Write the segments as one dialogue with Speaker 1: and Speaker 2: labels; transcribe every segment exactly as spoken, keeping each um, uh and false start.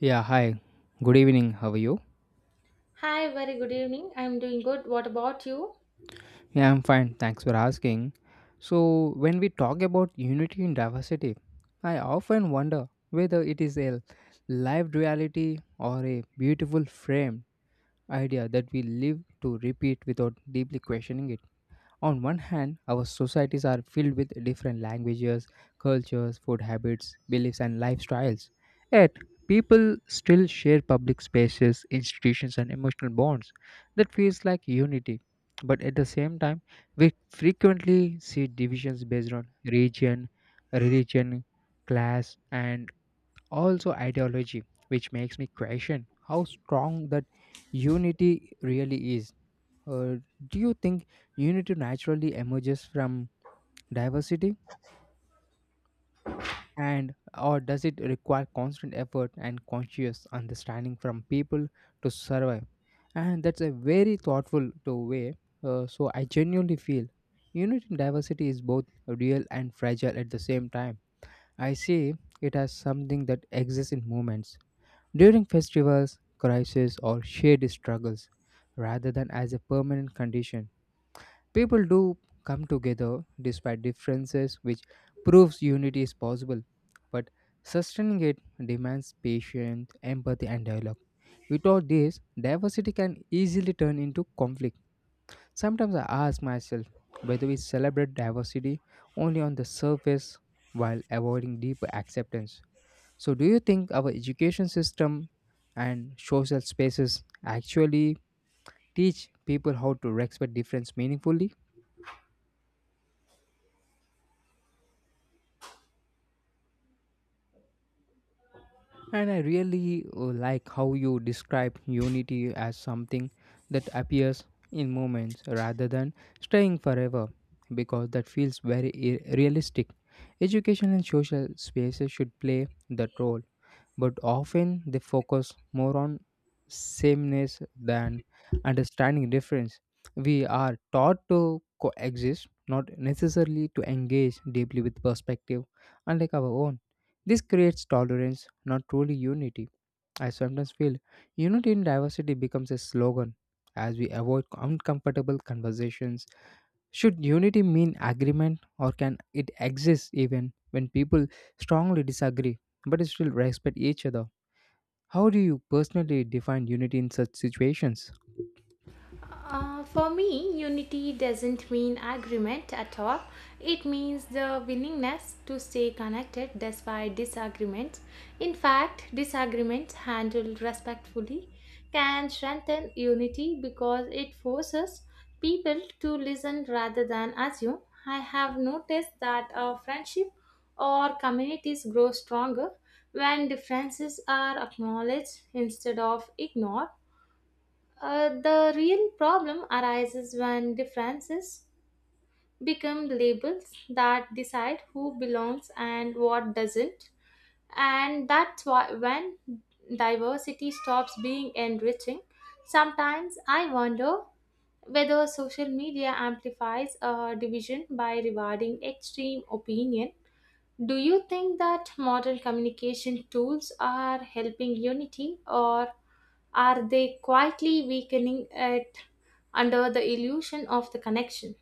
Speaker 1: Yeah, hi. Good evening. How are you?
Speaker 2: Hi, very good evening. I'm doing good. What about you?
Speaker 1: Yeah, I'm fine. Thanks for asking. So, when we talk about unity in diversity, I often wonder whether it is a lived reality or a beautiful framed idea that we live to repeat without deeply questioning it. On one hand, our societies are filled with different languages, cultures, food habits, beliefs, and lifestyles. Yet, people still share public spaces, institutions, and emotional bonds that feels like unity. But at the same time, we frequently see divisions based on region, religion, class, and also ideology, which makes me question how strong that unity really is uh, do you think unity naturally emerges from diversity and or does it require constant effort and conscious understanding from people to survive and that's a very thoughtful to way uh, so i genuinely feel unity in diversity is both real and fragile at the same time. I see it as something that exists in moments during festivals, crises, or shared struggles rather than as a permanent condition. People do come together despite differences, which proves unity is possible. But sustaining it demands patience, empathy, and dialogue. Without this, diversity can easily turn into conflict. Sometimes I ask myself whether we celebrate diversity only on the surface while avoiding deeper acceptance. So, do you think our education system and social spaces actually teach people how to respect difference meaningfully? And I really uh, like how you describe unity as something that appears in moments rather than staying forever, because that feels very i- realistic. Education and social spaces should play that role but often they focus more on sameness than understanding difference. We are taught to coexist, not necessarily to engage deeply with perspective unlike our own. This creates tolerance, not truly unity. I sometimes feel unity in diversity becomes a slogan as we avoid uncomfortable conversations. Should unity mean agreement or can it exist even when people strongly disagree but still respect each other? How do you personally define unity in such situations?
Speaker 2: Uh, for me, unity doesn't mean agreement at all. It means the willingness to stay connected despite disagreements. In fact, disagreements handled respectfully can strengthen unity because it forces people to listen rather than assume. I have noticed that our friendship or communities grow stronger when differences are acknowledged instead of ignored. Uh, the real problem arises when differences become labels that decide who belongs and what doesn't. And that's why when diversity stops being enriching, sometimes I wonder whether social media amplifies a division by rewarding extreme opinion. Do you think that modern communication tools are helping unity, or are they quietly weakening it under the illusion of the connection?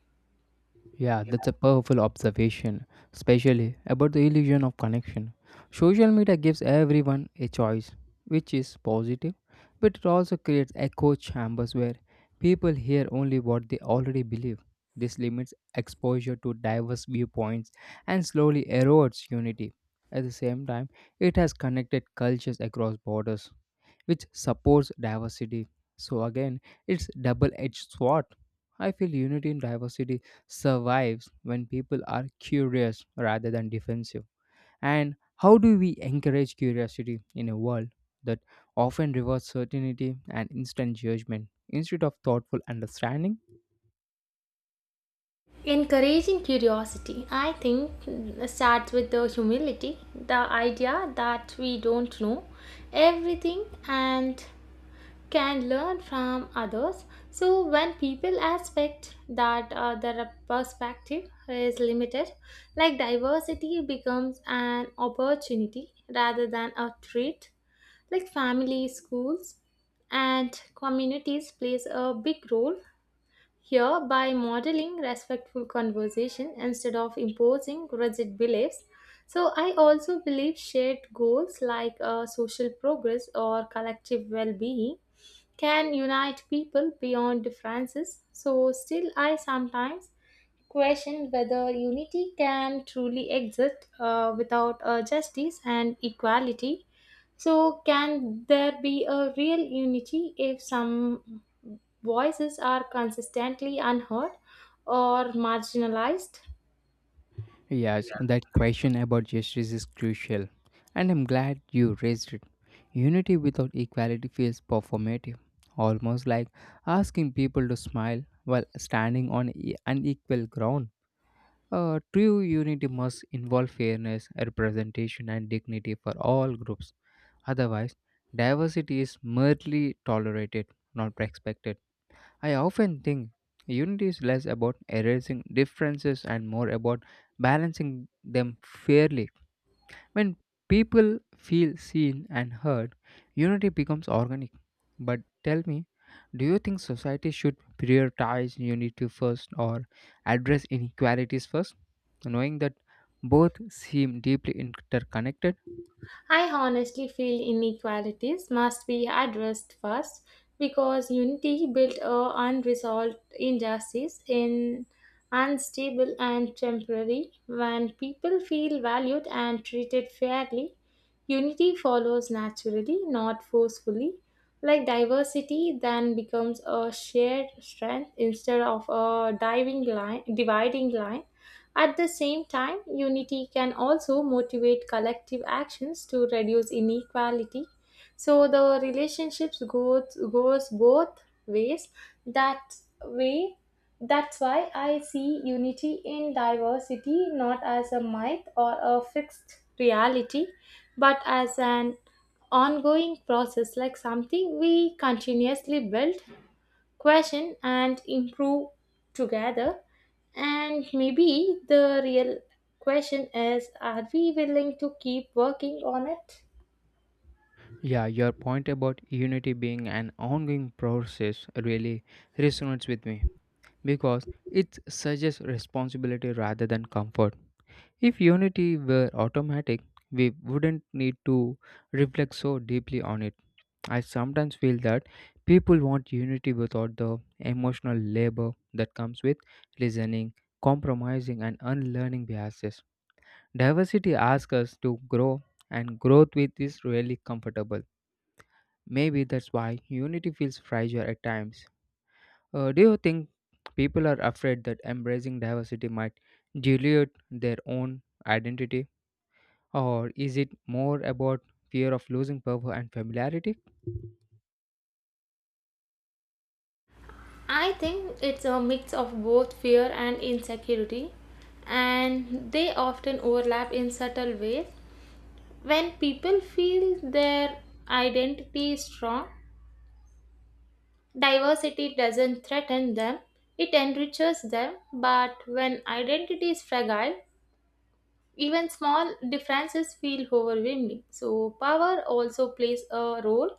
Speaker 1: Yeah, that's a powerful observation, especially about the illusion of connection. Social media gives everyone a choice, which is positive, but it also creates echo chambers where people hear only what they already believe. This limits exposure to diverse viewpoints and slowly erodes unity. At the same time, it has connected cultures across borders, which supports diversity. So again, it's double-edged sword. I feel unity in diversity survives when people are curious rather than defensive. And how do we encourage curiosity in a world that often rewards certainty and instant judgment instead of thoughtful understanding?
Speaker 2: Encouraging curiosity, I think, starts with the humility, the idea that we don't know everything and can learn from others. So when people expect that uh, their perspective is limited, like diversity becomes an opportunity rather than a threat. Like family, schools, and communities plays a big role here by modeling respectful conversation instead of imposing rigid beliefs. So I also believe shared goals like uh, social progress or collective well being can unite people beyond differences. So still, I sometimes question whether unity can truly exist uh, without uh, justice and equality. So can there be a real unity if some voices are consistently unheard or marginalized?
Speaker 1: Yes, that question about justice is crucial, and I'm glad you raised it. Unity without equality feels performative, almost like asking people to smile while standing on e- unequal ground. Uh, true unity must involve fairness, representation, and dignity for all groups. Otherwise, diversity is merely tolerated, not respected. I often think unity is less about erasing differences and more about balancing them fairly. When people feel seen and heard, unity becomes organic. But tell me, do you think society should prioritize unity first or address inequalities first, knowing that both seem deeply interconnected?
Speaker 2: I honestly feel inequalities must be addressed first, because unity built a unresolved injustice in unstable and temporary. When people feel valued and treated fairly, unity follows naturally, not forcefully. Like diversity then becomes a shared strength instead of a diving line dividing line At the same time, unity can also motivate collective actions to reduce inequality. So the relationships goes goes both ways. That way, that's why I see unity in diversity not as a myth or a fixed reality, but as an ongoing process, like something we continuously build, question and improve together. And maybe the real question is, are we willing to keep working on it?
Speaker 1: Yeah, your point about unity being an ongoing process really resonates with me, because it suggests responsibility rather than comfort. If unity were automatic, we wouldn't need to reflect so deeply on it. I sometimes feel that people want unity without the emotional labor that comes with listening, compromising, and unlearning biases. Diversity asks us to grow, and growth with is really comfortable. Maybe that's why unity feels fragile at times. Uh, do you think people are afraid that embracing diversity might dilute their own identity? Or is it more about fear of losing power and familiarity?
Speaker 2: I think it's a mix of both fear and insecurity, and they often overlap in subtle ways. When people feel their identity is strong, diversity doesn't threaten them, it enriches them. But when identity is fragile, even small differences feel overwhelming. So power also plays a role,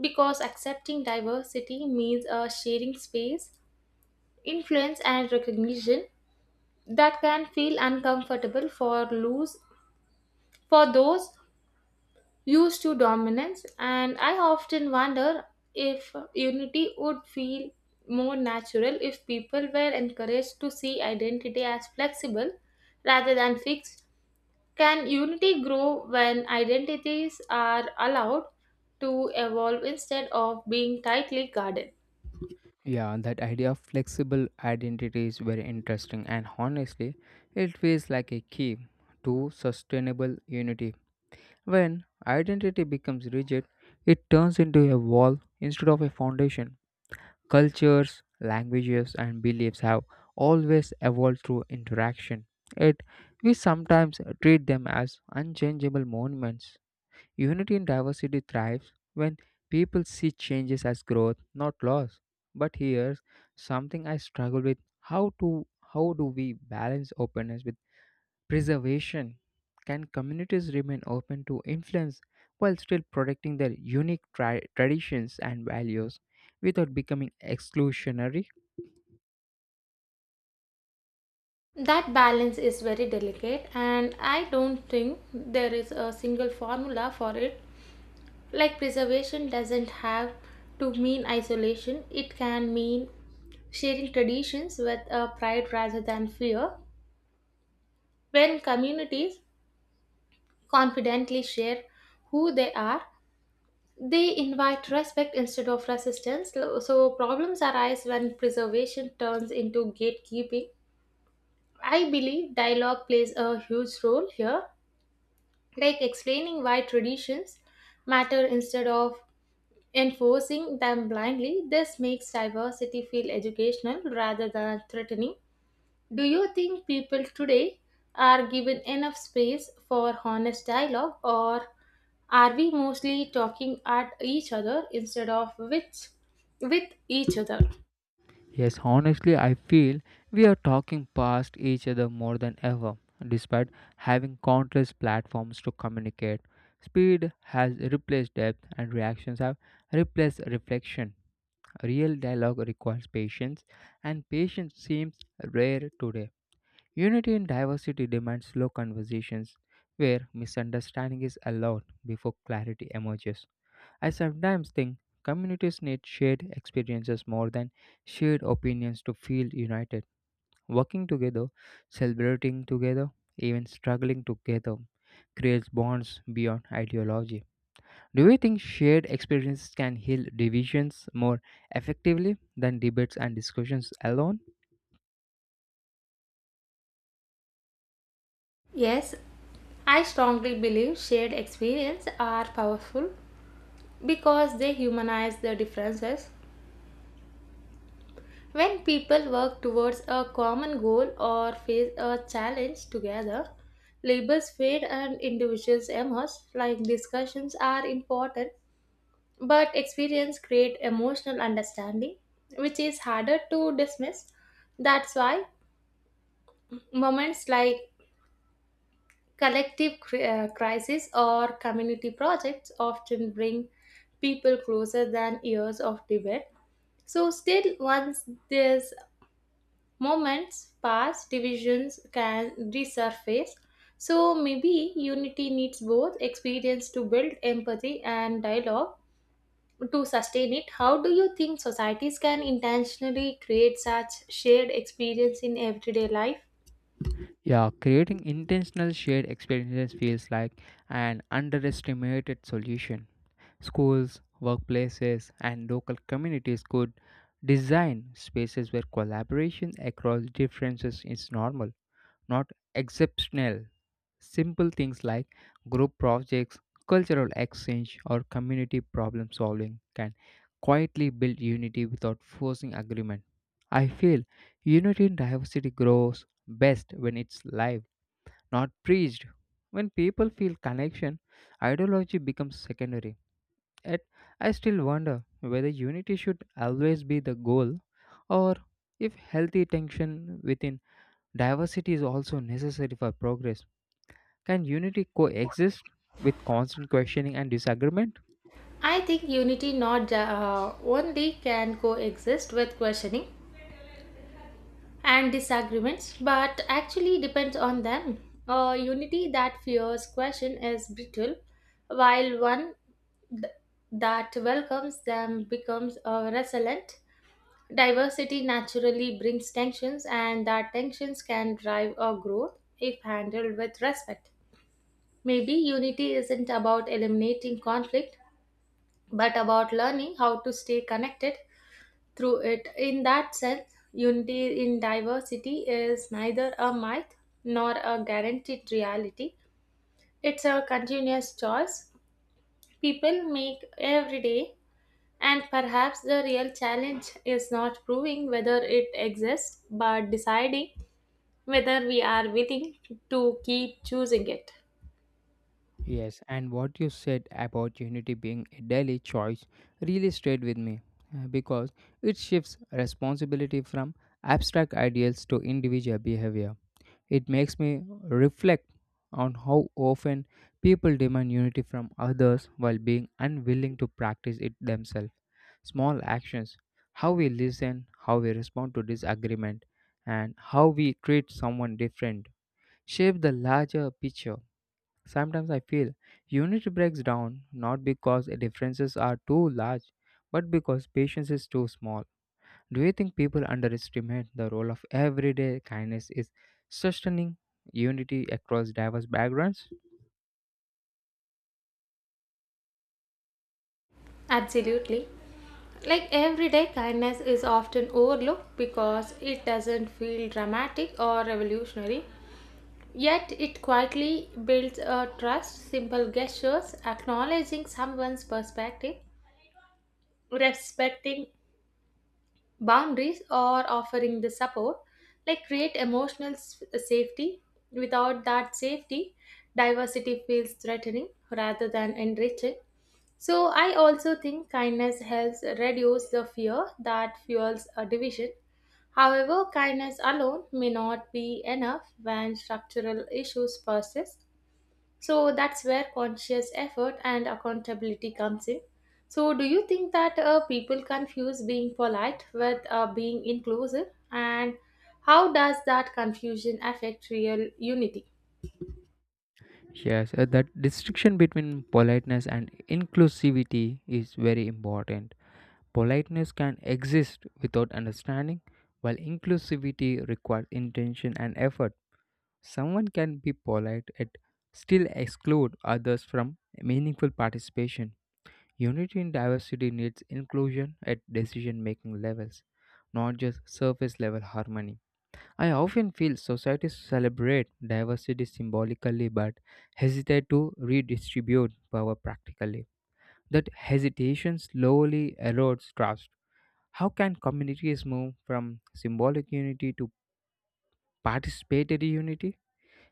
Speaker 2: because accepting diversity means a sharing space, influence, and recognition that can feel uncomfortable for lose for those used to dominance. And I often wonder if unity would feel more natural if people were encouraged to see identity as flexible rather than fixed. Can unity grow when identities are allowed to evolve instead of being tightly guarded?
Speaker 1: Yeah, that idea of flexible identity is very interesting, and honestly, it feels like a key to sustainable unity. When identity becomes rigid, it turns into a wall instead of a foundation. Cultures, languages, and beliefs have always evolved through interaction, yet, we sometimes treat them as unchangeable monuments. Unity in diversity thrives when people see changes as growth, not loss. But here's something I struggle with. How to how do we balance openness with preservation? Can communities remain open to influence while still protecting their unique tri- traditions and values without becoming exclusionary?
Speaker 2: That balance is very delicate, and I don't think there is a single formula for it. Like preservation doesn't have to mean isolation, it can mean sharing traditions with a pride rather than fear. When communities confidently share who they are, they invite respect instead of resistance. So, so problems arise when preservation turns into gatekeeping. I believe dialogue plays a huge role here, like explaining why traditions matter instead of enforcing them blindly. This makes diversity feel educational rather than threatening. Do you think people today are given enough space for honest dialogue, or are we mostly talking at each other instead of with, with each other?
Speaker 1: Yes, honestly, I feel we are talking past each other more than ever, despite having countless platforms to communicate. Speed has replaced depth, and reactions have replaced reflection. Real dialogue requires patience, and patience seems rare today. Unity in diversity demands slow conversations where misunderstanding is allowed before clarity emerges. I sometimes think communities need shared experiences more than shared opinions to feel united. Working together, celebrating together, even struggling together creates bonds beyond ideology. Do you think shared experiences can heal divisions more effectively than debates and discussions alone?
Speaker 2: Yes, I strongly believe shared experience are powerful because they humanize the differences. When people work towards a common goal or face a challenge together, labels fade and individuals emerge. Like discussions are important, but experience create emotional understanding which is harder to dismiss. That's why moments like collective cri- uh, crisis or community projects often bring people closer than years of debate. So still, once these moments pass, divisions can resurface. So maybe unity needs both experience to build empathy and dialogue to sustain it. How do you think societies can intentionally create such shared experience in everyday life?
Speaker 1: Yeah, creating intentional shared experiences feels like an underestimated solution. Schools, workplaces, and local communities could design spaces where collaboration across differences is normal, not exceptional. Simple things like group projects, cultural exchange, or community problem solving can quietly build unity without forcing agreement. I feel unity in diversity grows best when it's live not preached. When people feel connection, ideology becomes secondary. Yet, I still wonder whether unity should always be the goal or if healthy tension within diversity is also necessary for progress. Can unity coexist with constant questioning and disagreement?
Speaker 2: I think unity not uh, only can coexist with questioning and disagreements, but actually depends on them. A unity that fears question is brittle, while one that welcomes them becomes uh, resilient. Diversity naturally brings tensions, and that tensions can drive a growth if handled with respect. Maybe unity isn't about eliminating conflict, but about learning how to stay connected through it. In that sense, unity in diversity is neither a myth nor a guaranteed reality. It's a continuous choice people make every day, and perhaps the real challenge is not proving whether it exists, but deciding whether we are willing to keep choosing it.
Speaker 1: Yes, and what you said about unity being a daily choice really stayed with me uh, because it shifts responsibility from abstract ideals to individual behavior. It makes me reflect on how often people demand unity from others while being unwilling to practice it themselves. Small actions, how we listen, how we respond to disagreement, and how we treat someone different, shape the larger picture. Sometimes I feel unity breaks down not because differences are too large, but because patience is too small. Do you think people underestimate the role of everyday kindness is sustaining unity across diverse backgrounds?
Speaker 2: Absolutely. Like everyday kindness is often overlooked because it doesn't feel dramatic or revolutionary. Yet it quietly builds a trust. Simple gestures, acknowledging someone's perspective, respecting boundaries, or offering the support, like create emotional s- safety. Without that safety, diversity feels threatening rather than enriching. So I also think kindness helps reduce the fear that fuels a division. However, kindness alone may not be enough when structural issues persist. So that's where conscious effort and accountability comes in. So do you think that uh, people confuse being polite with uh, being inclusive, and how does that confusion affect real unity?
Speaker 1: Yes, uh, that distinction between politeness and inclusivity is very important. Politeness can exist without understanding, while inclusivity requires intention and effort. Someone can be polite yet still exclude others from meaningful participation. Unity in diversity needs inclusion at decision making levels, not just surface level harmony. I often feel societies celebrate diversity symbolically but hesitate to redistribute power practically. That hesitation slowly erodes trust. How can communities move from symbolic unity to participatory unity,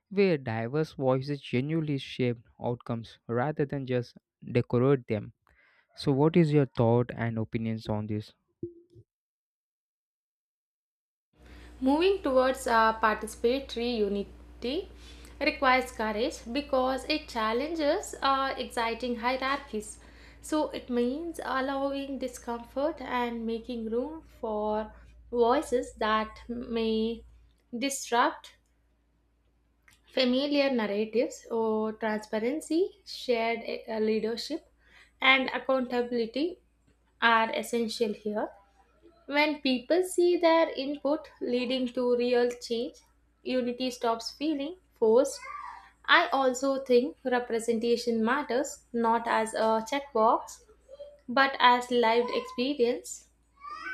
Speaker 1: where diverse voices genuinely shape outcomes rather than just decorate them? So, what is your thought and opinions on this?
Speaker 2: Moving towards uh, participatory unity requires courage, because it challenges uh, exciting hierarchies. So it means allowing discomfort and making room for voices that may disrupt familiar narratives. Or transparency, shared uh, leadership, and accountability are essential here. When people see their input leading to real change, unity stops feeling forced. I also think representation matters not as a checkbox but as lived experience.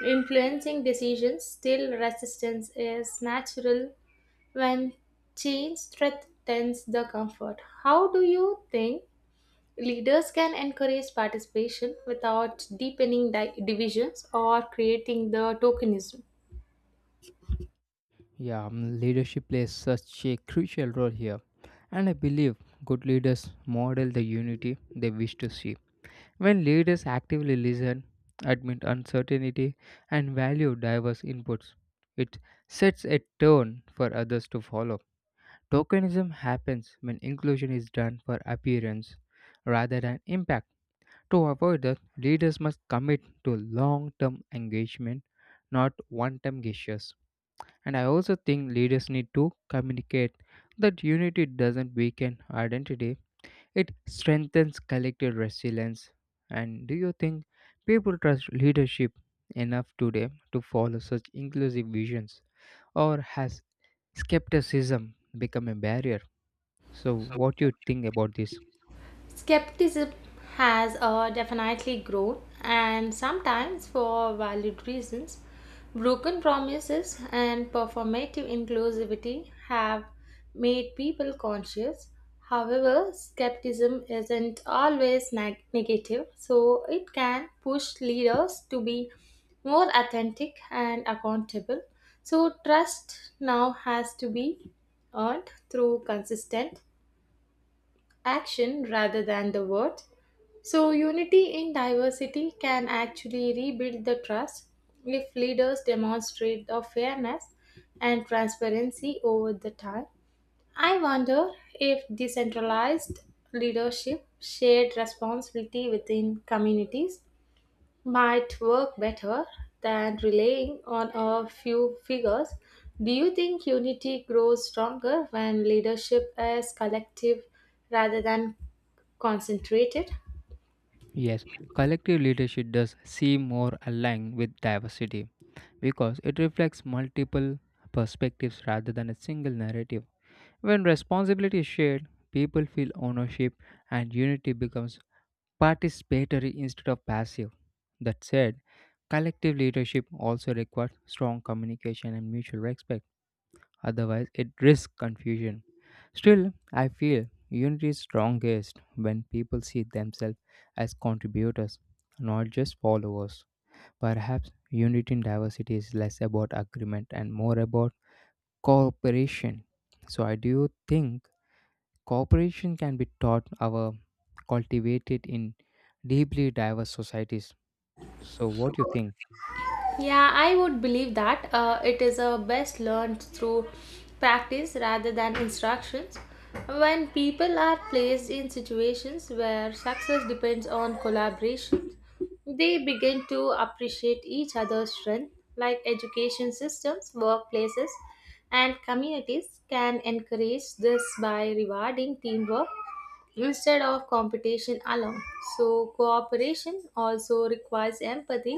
Speaker 2: Influencing decisions, still resistance is natural when change threatens the comfort. How do you think leaders can encourage participation without deepening di- divisions or creating the tokenism?
Speaker 1: Yeah, mm, leadership plays such a crucial role here, and I believe good leaders model the unity they wish to see. When leaders actively listen, admit uncertainty, and value diverse inputs, it sets a tone for others to follow. Tokenism happens when inclusion is done for appearance rather than impact. To avoid that, leaders must commit to long term engagement, not one time gestures. And I also think leaders need to communicate that unity doesn't weaken identity, it strengthens collective resilience. And do you think people trust leadership enough today to follow such inclusive visions? Or has skepticism become a barrier? So, what you think about this?
Speaker 2: Skepticism has uh, definitely grown, and sometimes for valid reasons. Broken promises and performative inclusivity have made people conscious. However, skepticism isn't always neg- negative, so it can push leaders to be more authentic and accountable. So trust now has to be earned through consistent action rather than the words. So unity in diversity can actually rebuild the trust if leaders demonstrate the fairness and transparency over the time. I wonder if decentralized leadership, shared responsibility within communities, might work better than relying on a few figures. Do you think unity grows stronger when leadership is collective rather than concentrated?
Speaker 1: Yes, collective leadership does seem more aligned with diversity because it reflects multiple perspectives rather than a single narrative. When responsibility is shared, people feel ownership and unity becomes participatory instead of passive. That said, collective leadership also requires strong communication and mutual respect otherwise, it risks confusion. Still, I feel unity is strongest when people see themselves as contributors, not just followers. Perhaps unity in diversity is less about agreement and more about cooperation. So, I do think cooperation can be taught or cultivated in deeply diverse societies. So, what do you think?
Speaker 2: Yeah, I would believe that uh, it is uh, best learned through practice rather than instructions. When people are placed in situations where success depends on collaboration, they begin to appreciate each other's strength. Like education systems, workplaces, and communities can encourage this by rewarding teamwork instead of competition alone. So cooperation also requires empathy,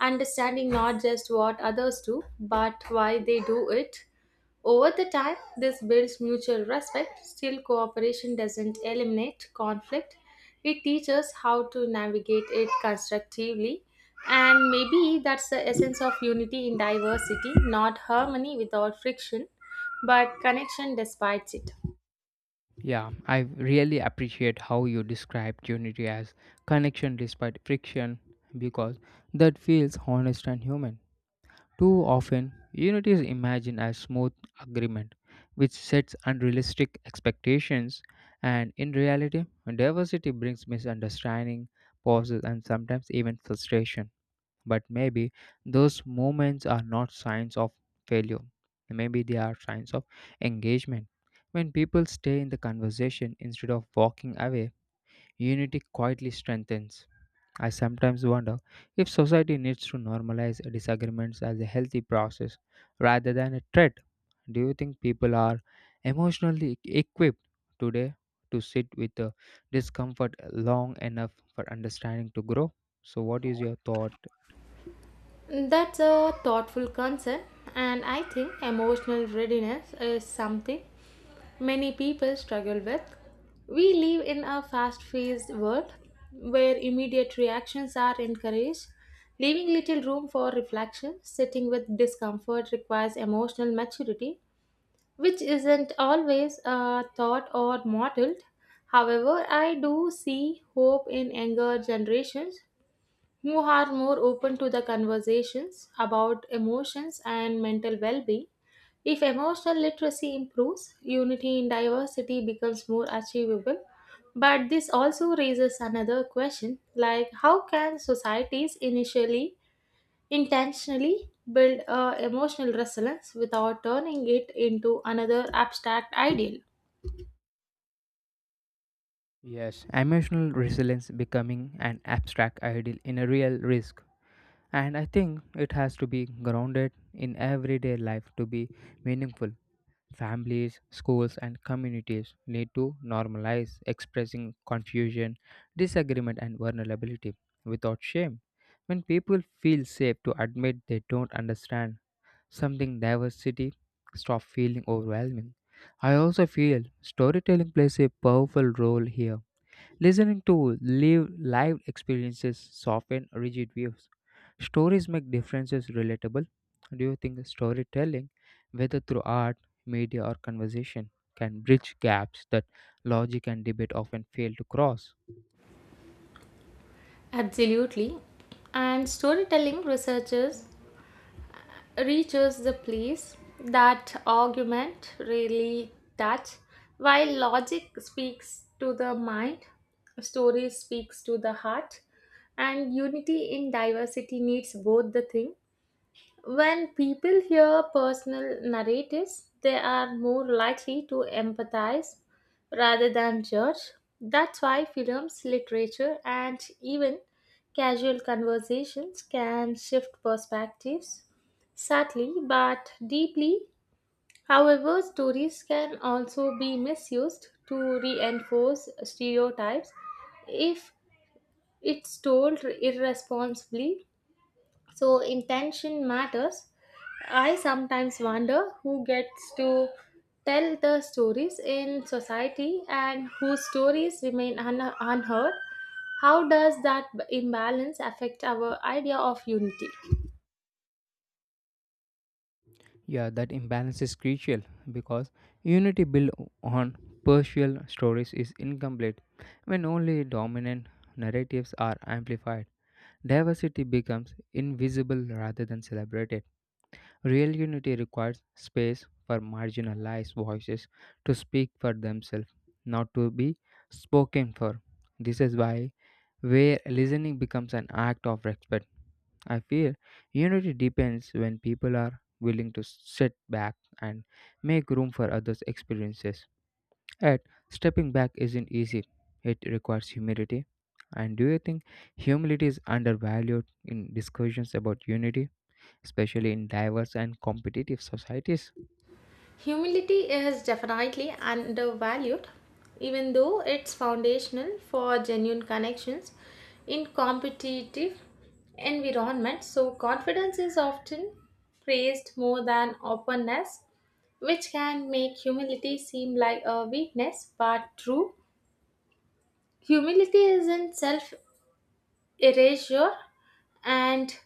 Speaker 2: understanding not just what others do, but why they do it. Over the time, this builds mutual respect. Still, cooperation doesn't eliminate conflict. It teaches how to navigate it constructively. And maybe that's the essence of unity in diversity, not harmony without friction, but connection despite it.
Speaker 1: Yeah, I really appreciate how you described unity as connection despite friction because that feels honest and human. Too often, unity is imagined as smooth agreement, which sets unrealistic expectations, and in reality, diversity brings misunderstanding, pauses, and sometimes even frustration. But maybe those moments are not signs of failure. Maybe they are signs of engagement. When people stay in the conversation instead of walking away, unity quietly strengthens. I sometimes wonder if society needs to normalize disagreements as a healthy process rather than a threat. Do you think people are emotionally e-, equipped today to sit with the discomfort long enough for understanding to grow? So, what is your thought?
Speaker 2: That's a thoughtful concern, and I think emotional readiness is something many people struggle with. We live in a fast paced world where immediate reactions are encouraged, leaving little room for reflection. Sitting with discomfort requires emotional maturity, which isn't always uh, thought or modeled. However, I do see hope in younger generations who are more open to the conversations about emotions and mental well being. If emotional literacy improves, unity in diversity becomes more achievable. But this also raises another question, like, how can societies initially intentionally build a emotional resilience without turning it into another abstract ideal?
Speaker 1: Yes, emotional resilience becoming an abstract ideal in a real risk. And I think it has to be grounded in everyday life to be meaningful. Families, schools, and communities need to normalize expressing confusion, disagreement, and vulnerability without shame. When people feel safe to admit they don't understand something, diversity stop feeling overwhelming. I also feel storytelling plays a powerful role here. Listening to live live experiences soften rigid views. Stories make differences relatable. Do you think storytelling, whether through art, media, or conversation, can bridge gaps that logic and debate often fail to cross?
Speaker 2: Absolutely. And storytelling researchers reaches the place that argument really touch. While logic speaks to the mind, story speaks to the heart, and unity in diversity needs both the thing. When people hear personal narratives, they are more likely to empathize rather than judge. That's why films, literature, and even casual conversations can shift perspectives. Sadly, but deeply, however, stories can also be misused to reinforce stereotypes if it's told irresponsibly, so intention matters. I sometimes wonder who gets to tell the stories in society and whose stories remain un- unheard. How does that b- imbalance affect our idea of unity?
Speaker 1: Yeah, that imbalance is crucial because unity built on partial stories is incomplete when only dominant narratives are amplified. Diversity becomes invisible rather than celebrated. Real unity requires space for marginalized voices to speak for themselves, not to be spoken for. This is why where listening becomes an act of respect. I feel unity depends when people are willing to sit back and make room for others' experiences. Yet, stepping back isn't easy, it requires humility. And do you think humility is undervalued in discussions about unity, especially in diverse and competitive societies?
Speaker 2: Humility is definitely undervalued, even though it's foundational for genuine connections in competitive environments. So confidence is often praised more than openness, which can make humility seem like a weakness. But true humility isn't self erasure, and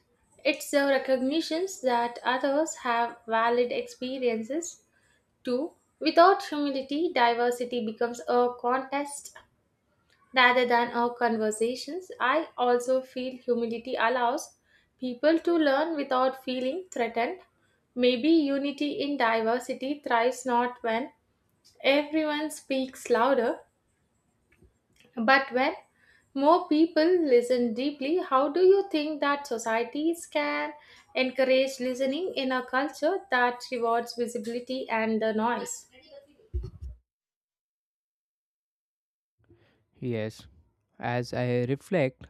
Speaker 2: it's the recognition that others have valid experiences Two, without humility, diversity becomes a contest rather than a conversation. I also feel humility allows people to learn without feeling threatened. Maybe unity in diversity thrives not when everyone speaks louder, but when more people listen deeply. How do you think that societies can encourage listening in a culture that rewards visibility and the noise?
Speaker 1: Yes, as I reflect,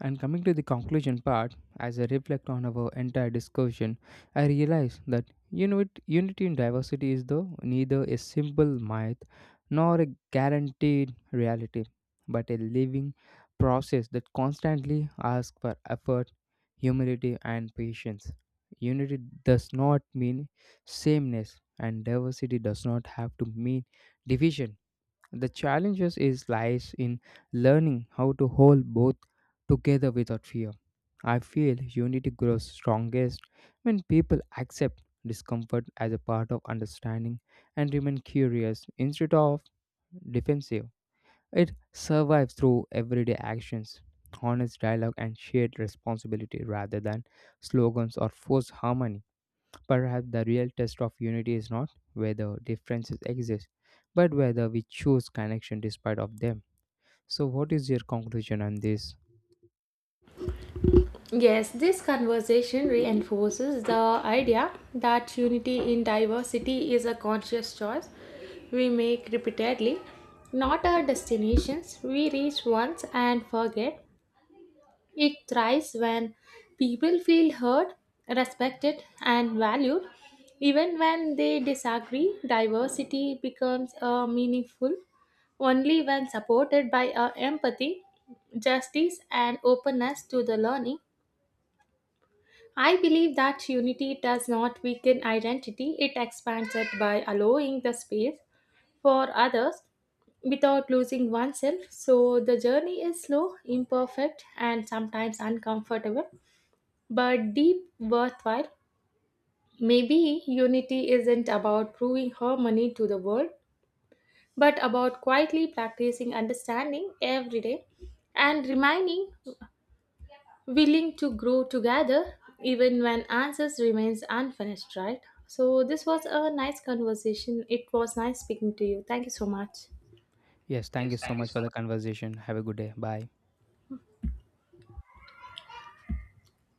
Speaker 1: and coming to the conclusion part, as I reflect on our entire discussion, I realize that unit, unity in diversity is though neither a simple myth nor a guaranteed reality, but a living process that constantly asks for effort, humility, and patience. Unity does not mean sameness, and diversity does not have to mean division. The challenges is lies in learning how to hold both together without fear. I feel unity grows strongest when people accept discomfort as a part of understanding and remain curious instead of defensive. It survives through everyday actions, honest dialogue, and shared responsibility rather than slogans or forced harmony. Perhaps the real test of unity is not whether differences exist, but whether we choose connection despite of them. So what is your conclusion on this?
Speaker 2: Yes, this conversation reinforces the idea that unity in diversity is a conscious choice we make repeatedly, not our destinations we reach once and forget. It thrives when people feel heard, respected, and valued. Even when they disagree, diversity becomes a meaningful only when supported by our empathy, justice, and openness to the learning. I believe that unity does not weaken identity, it expands it by allowing the space for others without losing oneself. So the journey is slow, imperfect, and sometimes uncomfortable, but deep, worthwhile. Maybe unity isn't about proving harmony to the world, but about quietly practicing understanding every day and reminding willing to grow together even when answers remains unfinished. Right, so this was a nice conversation. It was nice speaking to you, thank you so much.
Speaker 1: Yes, thank you so much for the conversation. Have a good day. Bye.